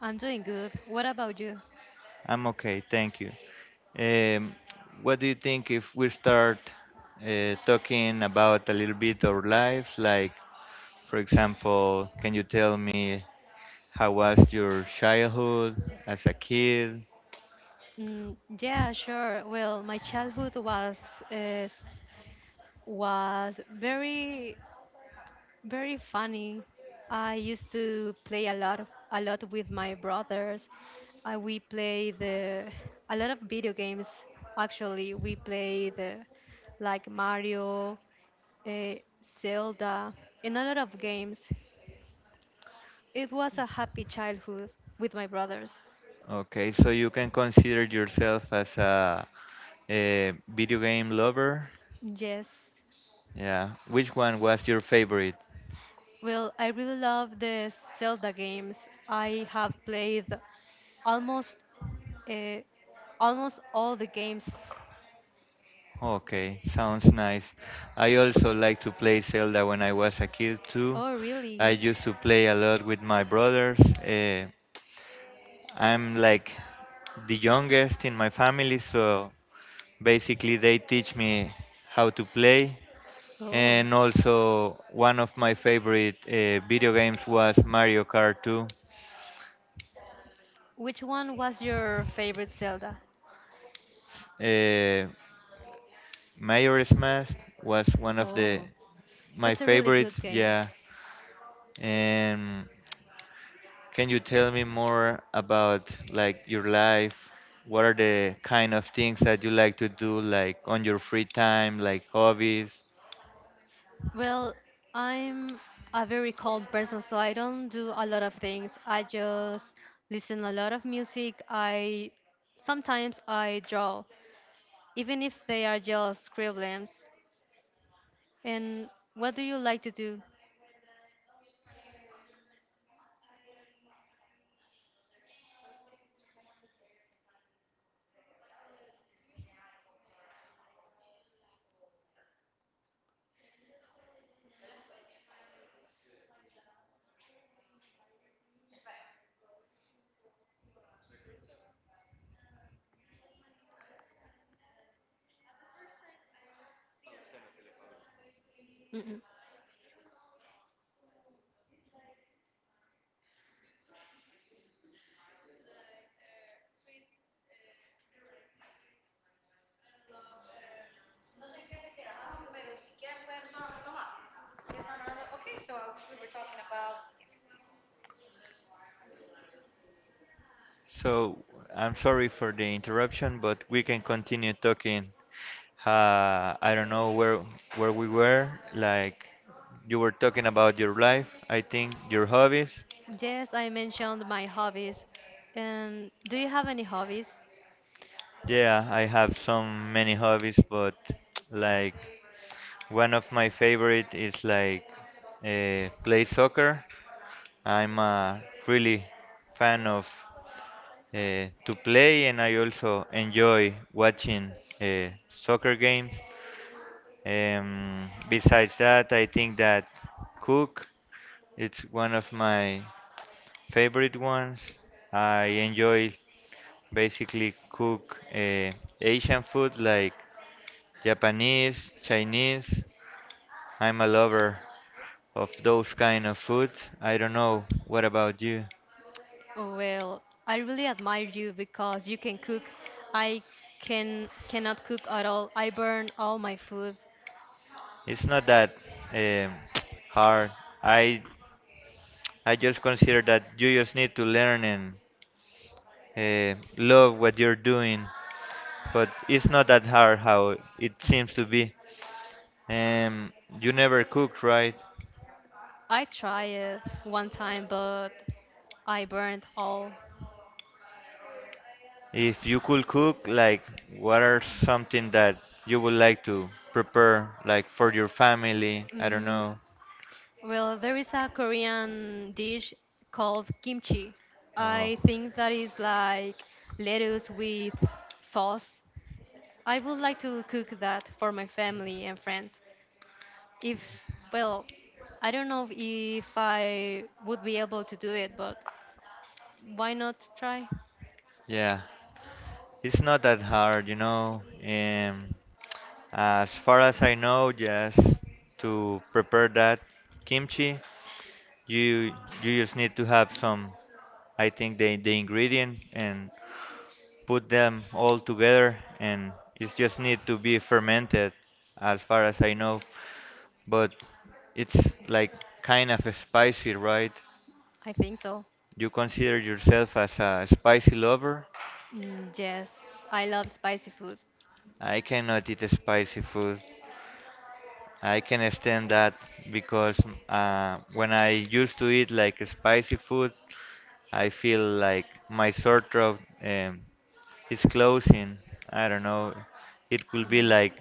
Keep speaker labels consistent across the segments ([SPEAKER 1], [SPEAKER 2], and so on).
[SPEAKER 1] I'm doing good. What about you? Mm, yeah, sure. Well, my childhood uh, was very funny. I used to play a lot with my brothers. We play the a lot of video games. Actually, we play the like Mario, uh, Zelda, and a lot of games. It was a happy childhood with my brothers. Yes. Well, I really love the Zelda games. I have played almost uh, almost all the games. Oh, really? Oh. Which one was your favorite Zelda? Oh, that's a really good game. Well, I'm a very calm person, so I don't do a lot of things. I just listen a lot of music. I sometimes I draw, even if they are just scribblings. And what do you like to do? Mm-mm. Yes, I mentioned my hobbies. And do you have any hobbies? Oh, well, I really admire you because you can cook. I cannot cook at all. I burn all my food. I tried it one time, but I burned all. Mm, well, there is a Korean dish called kimchi. I think that is like lettuce with sauce. I would like to cook that for my family and friends. If, well, I don't know if I would be able to do it, but why not try? I think so. Mm, yes, I love spicy food. Mm.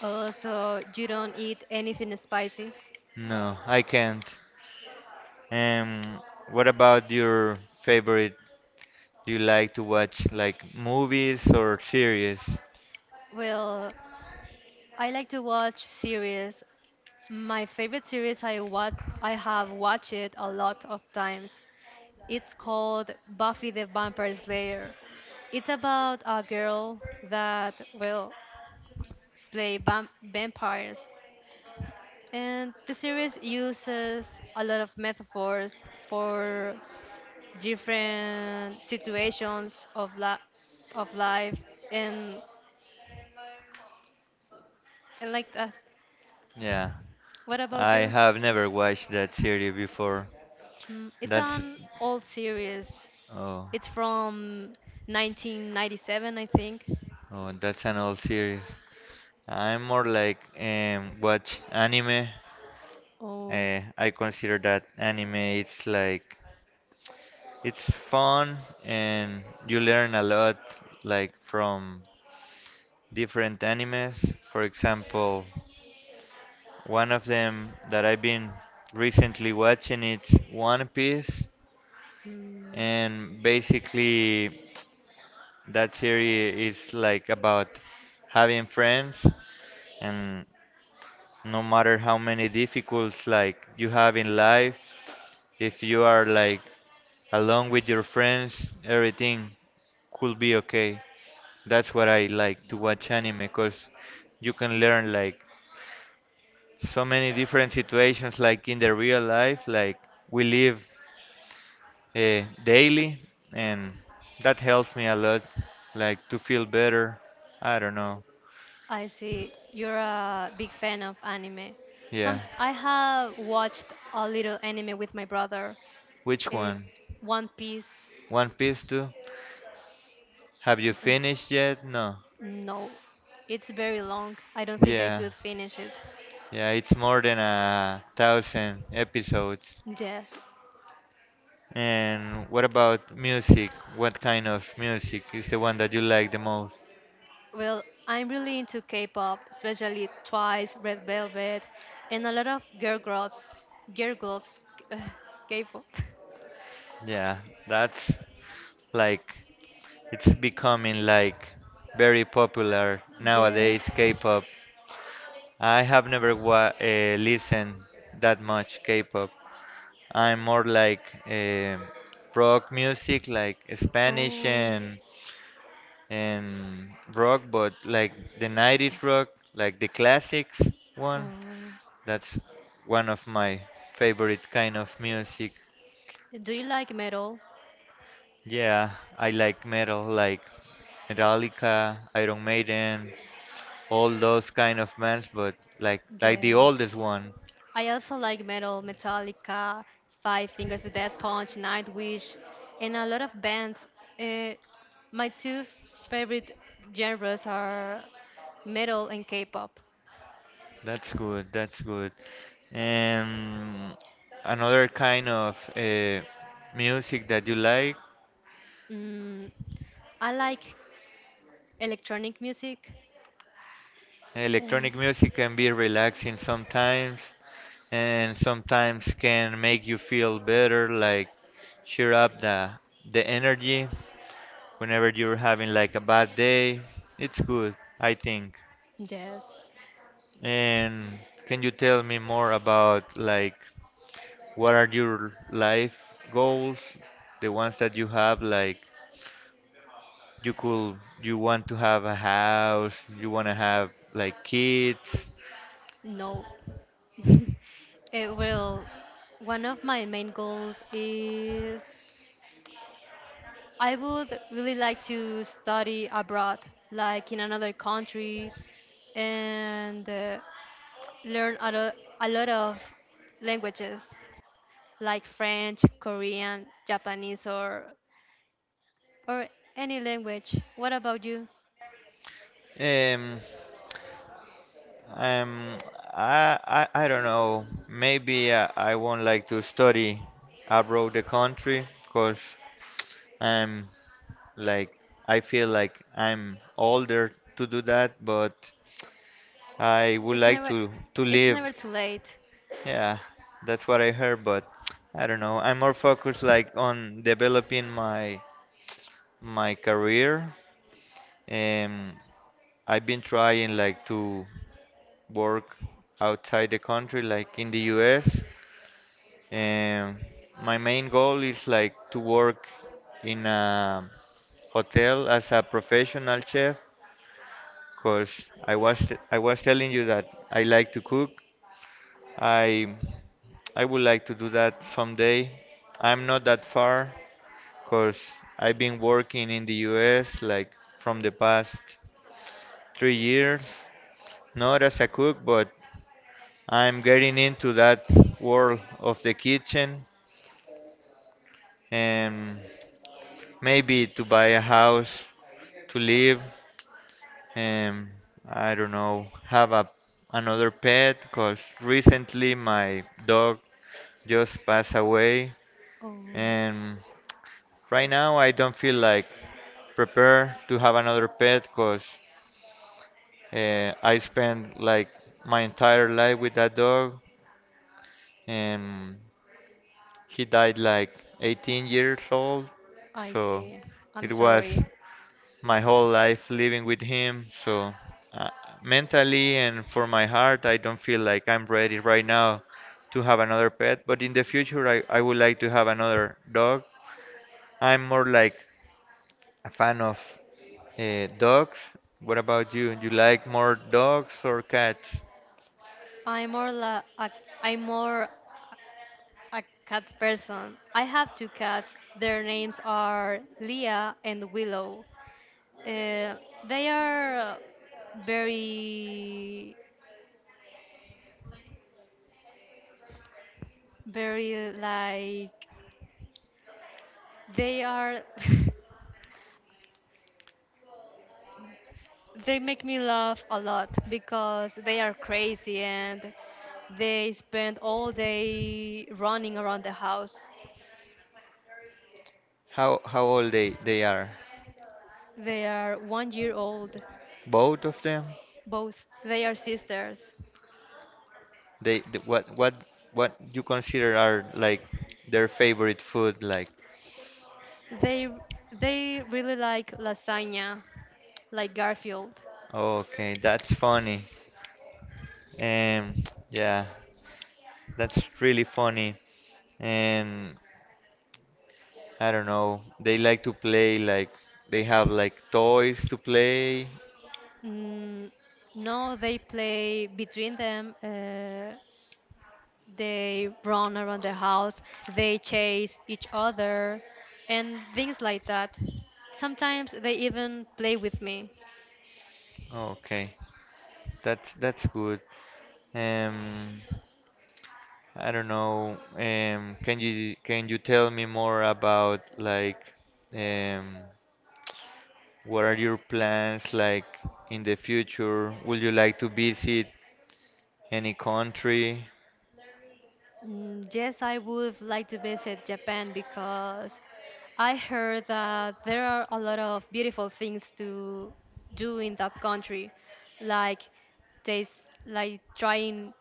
[SPEAKER 1] Also, you don't eat anything spicy? Well, I like to watch series. My favorite series I watch I have watched it a lot of times. It's called Buffy the Vampire Slayer. It's about a girl that will slay vampires. And the series uses a lot of metaphors for different situations of life and and like that. What about you? Mm, it's an old series. It's from 1997, I think. Oh, mm. I see. You're a big fan of anime. Some I have watched a little anime with my brother. Uh, One Piece. Yeah. No, it's very long. I don't think I could finish it. Yes. Well, I'm really into K-pop, especially Twice, Red Velvet, and a lot of girl groups. Girl groups. K-pop. Yes. Oh, oh. Do you like metal? Yeah. I also like metal, Metallica, Five Fingers Death Punch, Nightwish, and a lot of bands. Uh, my two favorite genres are metal and K-pop. Mm, I like electronic music and yes, no. It will. One of my main goals is I would really like to study abroad, like in another country, and learn a lot of languages, like French, Korean, Japanese, or any language. What about you?
[SPEAKER 2] Um, um, I don't know. Maybe I won't like to study abroad the country because I'm like I feel like I'm older to do that, but I would
[SPEAKER 1] It's
[SPEAKER 2] like
[SPEAKER 1] never,
[SPEAKER 2] to
[SPEAKER 1] it's
[SPEAKER 2] live.
[SPEAKER 1] never too late.
[SPEAKER 2] Yeah, that's what I heard, but I don't know. I'm more focused like on developing my career. Um, I've been trying like to work outside the country, like in the US. And my main goal is like to work in a hotel as a professional chef because I was telling you that I like to cook. I I would like to do that someday. I'm not that far because I've been working in the US like from the past three years, not as a cook, but I'm getting into that world of the kitchen and maybe to buy a house to live. Um i don't know, have a another pet because recently my dog just passed away
[SPEAKER 1] Oh,
[SPEAKER 2] and right now I don't feel like prepared to have another pet because I spent like my entire life with that dog and he died like 18 years old,
[SPEAKER 1] I
[SPEAKER 2] so
[SPEAKER 1] see. I'm
[SPEAKER 2] it was
[SPEAKER 1] sorry.
[SPEAKER 2] my whole life living with him. So uh, mentally and for my heart, I don't feel like I'm ready right now to have another pet. But in the future, I would like to have another dog. I'm more like a fan of dogs. What about you? Do you like more dogs or cats?
[SPEAKER 1] I'm more la. ac- I'm more a cat person. I have two cats. Their names are Leah and Willow. Uh, they are very, very they are. They make me laugh a lot because they are crazy and they spend all day running around the house.
[SPEAKER 2] How old they are?
[SPEAKER 1] They are 1 year old,
[SPEAKER 2] Both of them?
[SPEAKER 1] both. They are sisters.
[SPEAKER 2] They, th- what you consider are like their favorite food like.
[SPEAKER 1] They they really like lasagna like Garfield.
[SPEAKER 2] Okay, that's funny. Um, yeah, that's really funny. And I don't know, they like to play like they have like toys to play.
[SPEAKER 1] Mm, no, they play between them. They run around the house. They chase each other, and things like that. Sometimes they even play with me.
[SPEAKER 2] Okay, that's good. Um, I don't know. Can you tell me more about like um, what are your plans like in the future? Would you like to visit any country?
[SPEAKER 1] Mm, yes, I would like to visit Japan because I heard that there are a lot of beautiful things to do in that country, like taste, like trying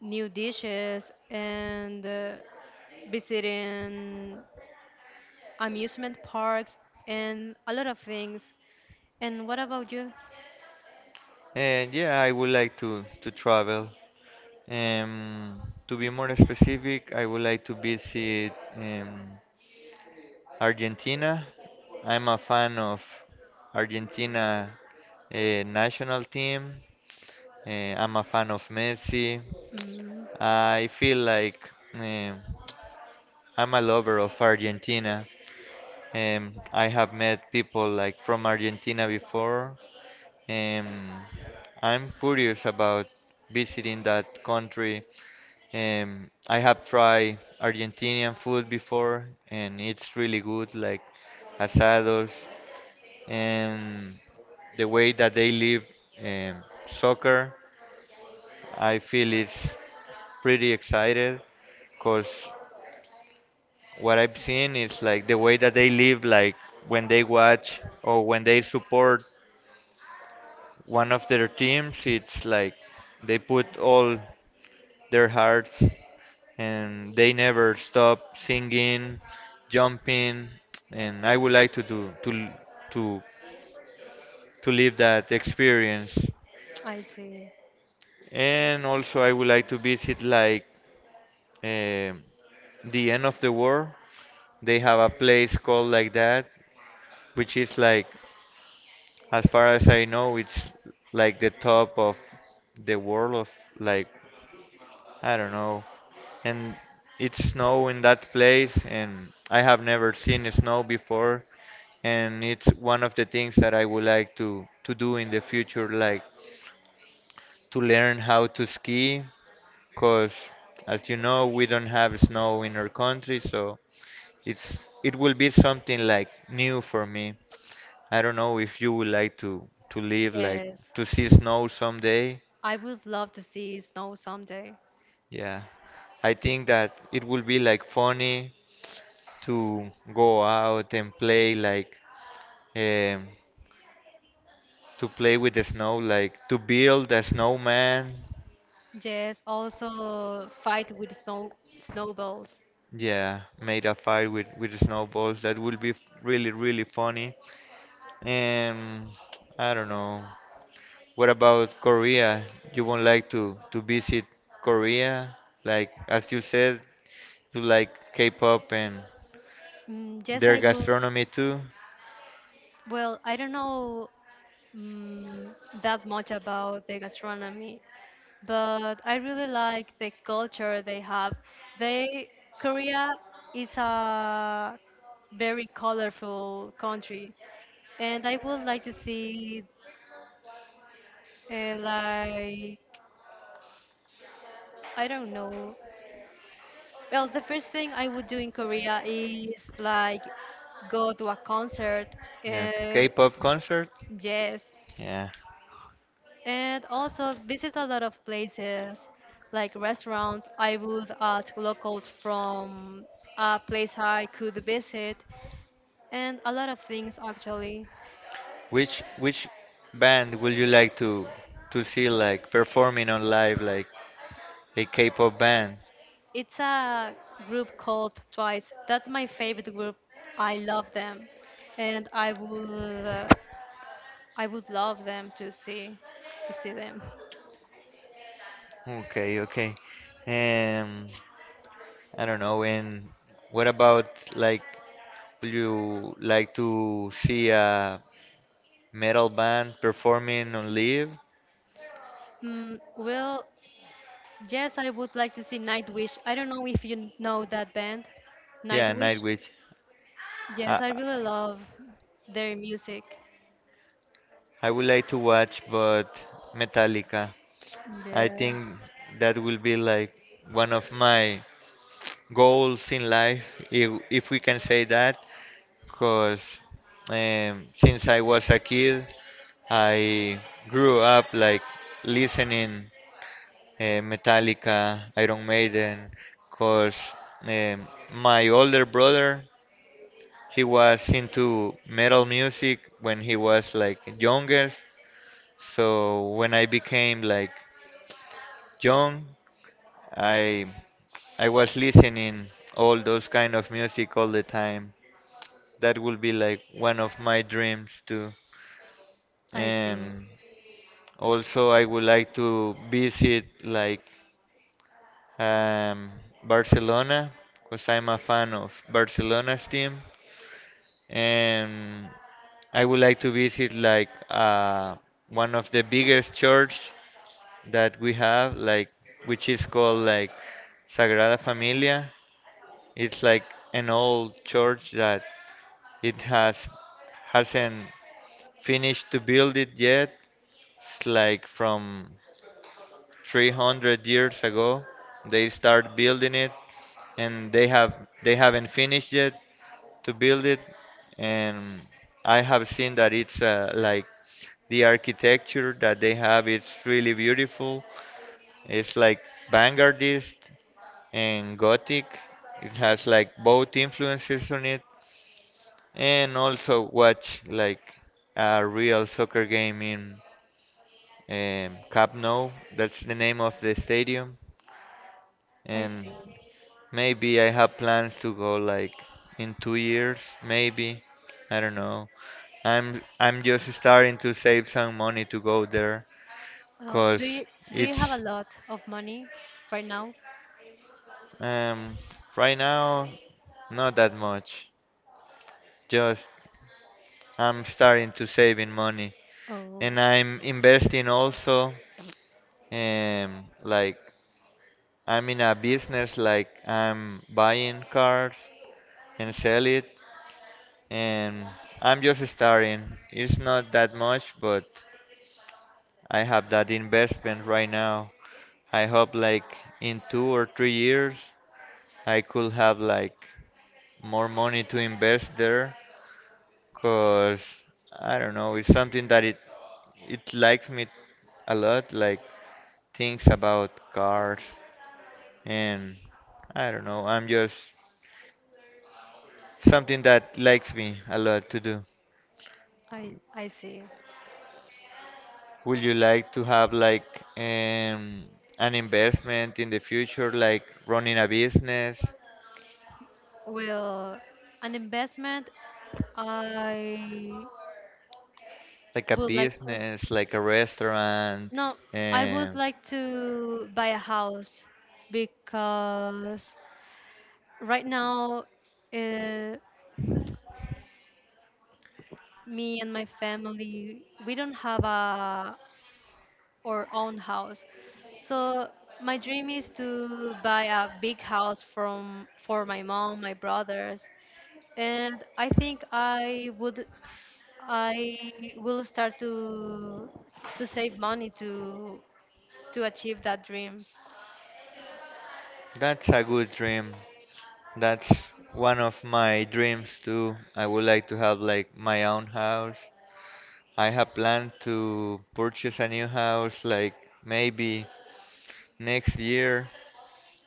[SPEAKER 1] new dishes and visiting amusement parks and a lot of things. And what about you?
[SPEAKER 2] And yeah, I would like to travel. Um, to be more specific, I would like to visit Argentina. I'm a fan of Argentina national team. I'm a fan of Messi.
[SPEAKER 1] Mm,
[SPEAKER 2] I feel like um I'm a lover of Argentina. I have met people like from Argentina before. Um, I'm curious about visiting that country. I have tried Argentinian food before, and it's really good, like asados and the way that they live soccer. I feel it's pretty excited because what I've seen is like the way that they live, like when they watch or when they support one of their teams, it's like they put all their hearts and they never stop singing, jumping, and I would like to do to to live that experience.
[SPEAKER 1] I see.
[SPEAKER 2] And also, I would like to visit like eh, the end of the world. They have a place called like that, which is like, as far as I know, it's like the top of the world of like I don't know. And it's snow in that place, and I have never seen snow before. And it's one of the things that I would like to do in the future, like to learn how to ski, cause as you know, we don't have snow in our country, so it will be something like new for me. I don't know if you would like to live like
[SPEAKER 1] Yes,
[SPEAKER 2] to see snow someday.
[SPEAKER 1] I would love to see snow someday.
[SPEAKER 2] Yeah. I think that it will be like funny to go out and play like um, to play with the snow, like to build a snowman.
[SPEAKER 1] Yes, also fight with snowballs.
[SPEAKER 2] Yeah, made a fire with snowballs. That would be really really funny. And I don't know. What about Korea? You would like to visit Korea? Like as you said, you like K-pop and
[SPEAKER 1] Mm, yes,
[SPEAKER 2] their
[SPEAKER 1] I will.
[SPEAKER 2] gastronomy too.
[SPEAKER 1] Well, I don't know mm, that much about the gastronomy, but I really like the culture they have. They Korea is a very colorful country, and I would like to see like I don't know. Well, the first thing I would do in Korea is like go to a concert,
[SPEAKER 2] Yeah, the
[SPEAKER 1] uh,
[SPEAKER 2] K-pop concert.
[SPEAKER 1] yes,
[SPEAKER 2] Yeah.
[SPEAKER 1] and also visit a lot of places like restaurants. I would ask locals from a place I could visit, and a lot of things actually.
[SPEAKER 2] Which band would you like to see like performing on live like a K-pop band?
[SPEAKER 1] It's a group called Twice. That's my favorite group. I love them, and uh, I would love them to see them.
[SPEAKER 2] Okay, okay. Um, I don't know. And what about like would you like to see a metal band performing on live?
[SPEAKER 1] Mm, well, yes, I would like to see Nightwish. I don't know if you know that band,
[SPEAKER 2] Yeah,
[SPEAKER 1] Nightwish.
[SPEAKER 2] Nightwish.
[SPEAKER 1] Yes,
[SPEAKER 2] I,
[SPEAKER 1] I really love their music.
[SPEAKER 2] I would like to watch, but Metallica. I
[SPEAKER 1] Yes,
[SPEAKER 2] think that will be like one of my goals in life, if we can say that, because since I was a kid, I grew up like listening Metallica, Iron Maiden, because um, my older brother, he was into metal music when he was like youngest. So when I became like young, I I was listening all those kind of music all the time. That would be like one of my dreams too.
[SPEAKER 1] I see.
[SPEAKER 2] And also I would like to visit like um, Barcelona because I'm a fan of Barcelona's team. And I would like to visit like one of the biggest church that we have, like which is called like Sagrada Familia. It's like an old church that it hasn't finished to build it yet. It's like from 300 years ago they start building it, and they haven't finished yet to build it. And I have seen that it's like the architecture that they have. It's really beautiful. It's like vanguardist and gothic. It has like both influences on it, and also watch like a real soccer game in Camp Nou. That's the name of the stadium,
[SPEAKER 1] I
[SPEAKER 2] and
[SPEAKER 1] see.
[SPEAKER 2] maybe I have plans to go like in two years, maybe. I don't know. I'm just starting to save some money to go there,
[SPEAKER 1] Well,
[SPEAKER 2] cause
[SPEAKER 1] do you have a
[SPEAKER 2] it's
[SPEAKER 1] lot of money right now?
[SPEAKER 2] um right now not that much. Just I'm starting to saving money
[SPEAKER 1] Oh,
[SPEAKER 2] and I'm investing also. Like I'm in a business, like I'm buying cars and sell it, and I'm just starting. It's not that much, but I have that investment right now. I hope like in two or three years I could have like more money to invest there, cause I don't know, it's something that it likes me a lot, like things about cars. And I don't know, I'm just something that likes me a lot to do.
[SPEAKER 1] I see.
[SPEAKER 2] Would you like to have like um, an investment in the future, like running a business,
[SPEAKER 1] Well, an investment I
[SPEAKER 2] like a
[SPEAKER 1] would like to
[SPEAKER 2] business, like a restaurant?
[SPEAKER 1] no, I would
[SPEAKER 2] Um,
[SPEAKER 1] like to buy a house because right now uh, me and my family we don't have a our own house, so my dream is to buy a big house from for my mom my brothers and I think I will start to save money to achieve that dream.
[SPEAKER 2] that's a good dream. That's one of my dreams too. I would like to have like my own house. I have planned to purchase a new house like maybe next year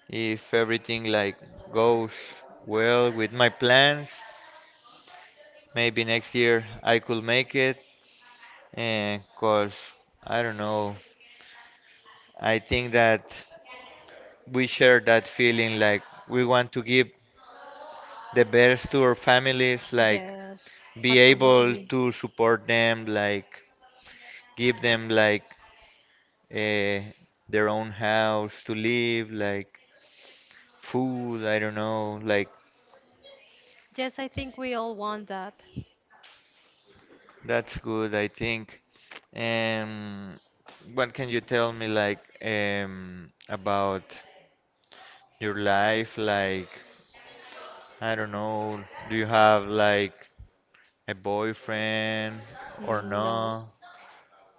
[SPEAKER 2] if everything like goes well with my plans. Maybe next year I could make it and cause I don't know. I think that we share that feeling like we want to give the best to our families like
[SPEAKER 1] Yes,
[SPEAKER 2] be able
[SPEAKER 1] absolutely.
[SPEAKER 2] to support them, like give them like uh, their own house to live, like food, I don't know, like
[SPEAKER 1] Yes, I think we all want that.
[SPEAKER 2] that's good, I think. Um, what can you tell me like about your life? Like, I don't know, do you have like a boyfriend or
[SPEAKER 1] No,
[SPEAKER 2] no?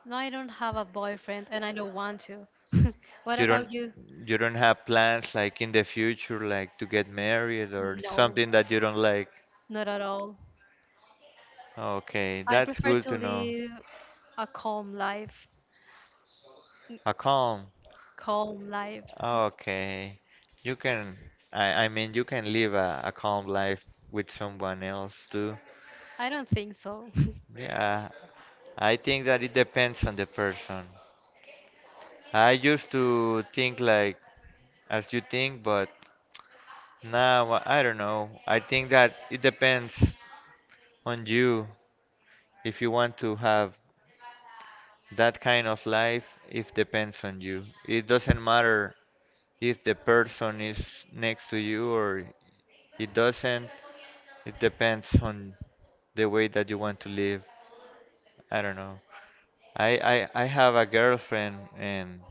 [SPEAKER 1] no, I don't have a boyfriend and I don't want to. What
[SPEAKER 2] You don't
[SPEAKER 1] about you?
[SPEAKER 2] you don't have plans like in the future like to get married or
[SPEAKER 1] No,
[SPEAKER 2] something that you don't like.
[SPEAKER 1] not at all.
[SPEAKER 2] Okay,
[SPEAKER 1] I
[SPEAKER 2] that's
[SPEAKER 1] prefer
[SPEAKER 2] good
[SPEAKER 1] to
[SPEAKER 2] to know.
[SPEAKER 1] live a calm life. N-
[SPEAKER 2] A calm.
[SPEAKER 1] Calm life.
[SPEAKER 2] Okay. You can I mean you can live a calm life with someone else too.
[SPEAKER 1] I don't think so.
[SPEAKER 2] Yeah. I think that it depends on the person. I used to think like as you think, but now I don't know. I think that it depends on you if you want to have that kind of life, it depends on you. It doesn't matter if the person is next to you or it doesn't. It depends on the way that you want to live. I don't know. I have a girlfriend and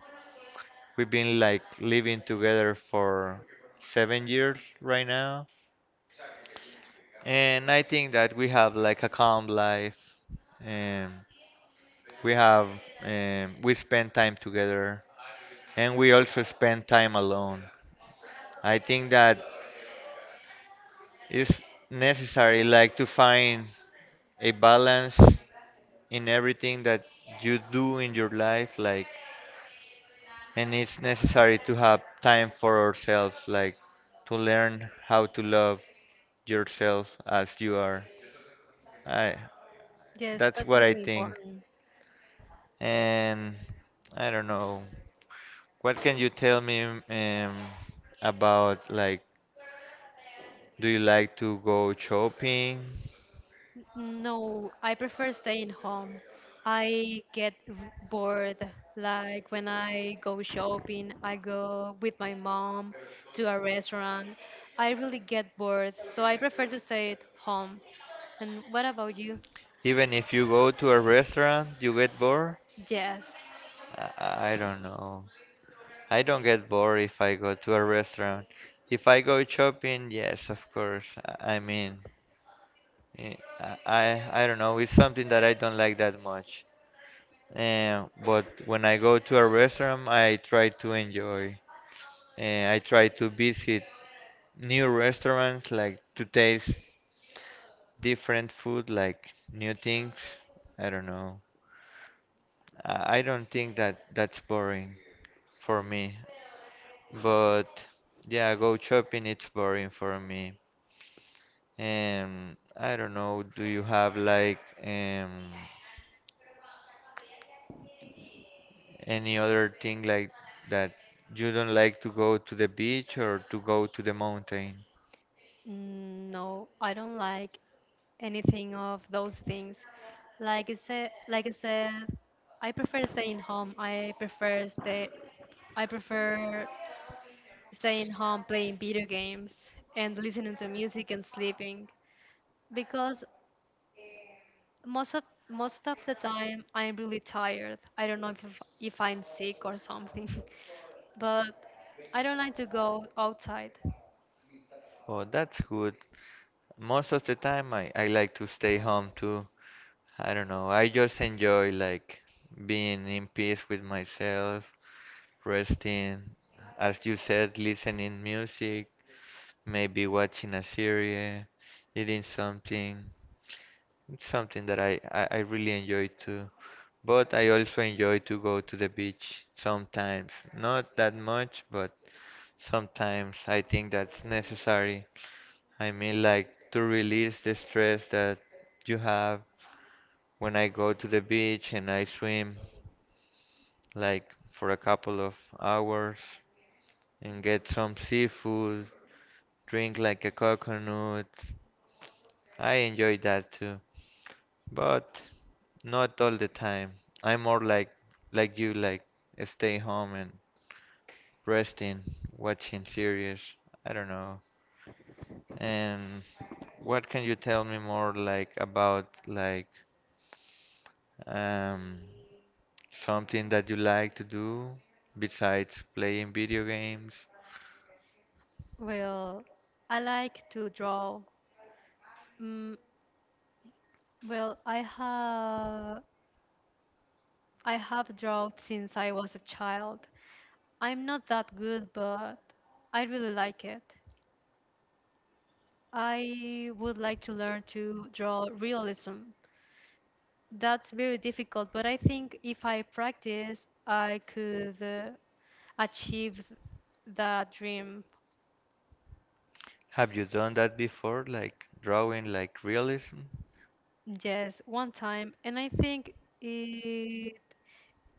[SPEAKER 2] we've been like living together for seven years right now. And I think that we have like a calm life. And we have, we spend time together and we also spend time alone. I think that it's necessary like to find a balance in everything that you do in your life like and it's necessary to have time for ourselves like to learn how to love yourself as you are. I
[SPEAKER 1] Yes,
[SPEAKER 2] that's
[SPEAKER 1] that's
[SPEAKER 2] what I
[SPEAKER 1] really
[SPEAKER 2] think.
[SPEAKER 1] important.
[SPEAKER 2] And I don't know. What can you tell me about like do you like to go shopping?
[SPEAKER 1] No, I prefer staying home. I get r- bored. Like when I go shopping, I go with my mom to a restaurant. I really get bored, so I prefer to stay at home. And what about you?
[SPEAKER 2] Even if you go to a restaurant, you get bored?
[SPEAKER 1] Yes.
[SPEAKER 2] I don't know. I don't get bored if I go to a restaurant. If I go shopping, yes, of course. I mean, I don't know. It's something that I don't like that much. But when I go to a restaurant, I try to enjoy. I try to visit new restaurants, like to taste different food, like new things. I don't know. I don't think that that's boring for me. But yeah, go shopping, it's boring for me. I don't know, do you have like um any other thing like that you don't like to go to the beach or to go to the mountain?
[SPEAKER 1] Mm, no, I don't like anything of those things. Like I said, I prefer staying home. I prefer staying home, playing video games, and listening to music and sleeping. Because most of most of the time, I'm really tired. I don't know if I'm sick or something, but I don't like to go outside.
[SPEAKER 2] Oh, that's good. Most of the time I like to stay home too. I don't know, I just enjoy like being in peace with myself, resting, as you said, listening music. Maybe watching a series, eating something. It's something that I really enjoy too. But I also enjoy to go to the beach sometimes. Not that much, but sometimes I think that's necessary. I mean, like to release the stress that you have when I go to the beach and I swim, like for a couple of hours and get some seafood, drink like a coconut. I enjoy that too. But not all the time. I'm more like you, like stay home and resting, watching series. I don't know. And what can you tell me more like about like um something that you like to do besides playing video games?
[SPEAKER 1] Well, I like to draw. Mm, well, I have drawn since I was a child. I'm not that good, but I really like it. I would like to learn to draw realism. That's very difficult, but I think if I practice, I could achieve that dream.
[SPEAKER 2] Have you done that before, like drawing like realism?
[SPEAKER 1] Yes, one time, and I think it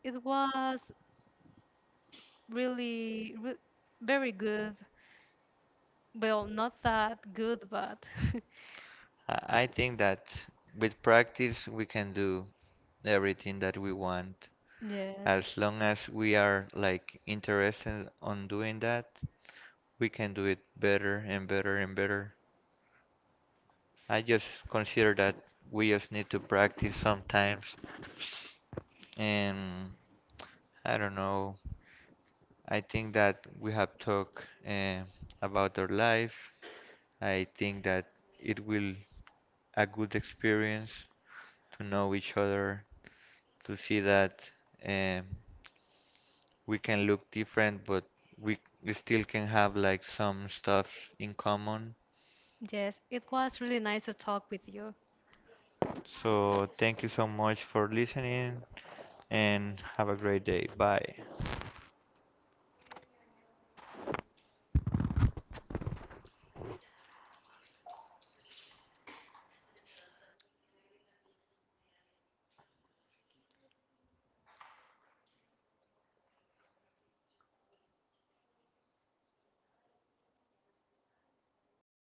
[SPEAKER 1] it was really re very good. Well, not that good, but
[SPEAKER 2] I think that with practice we can do everything that we want,
[SPEAKER 1] yes.
[SPEAKER 2] as long as we are like interested on doing that, we can do it better and better and better. I just consider that we just need to practice sometimes. And I don't know. I think that we have talked about our life. I think that it will a good experience to know each other, to see that um, we can look different, but we we still can have like some stuff in common.
[SPEAKER 1] Yes, it was really nice to talk with you.
[SPEAKER 2] So thank you so much for listening and have a great day. Bye.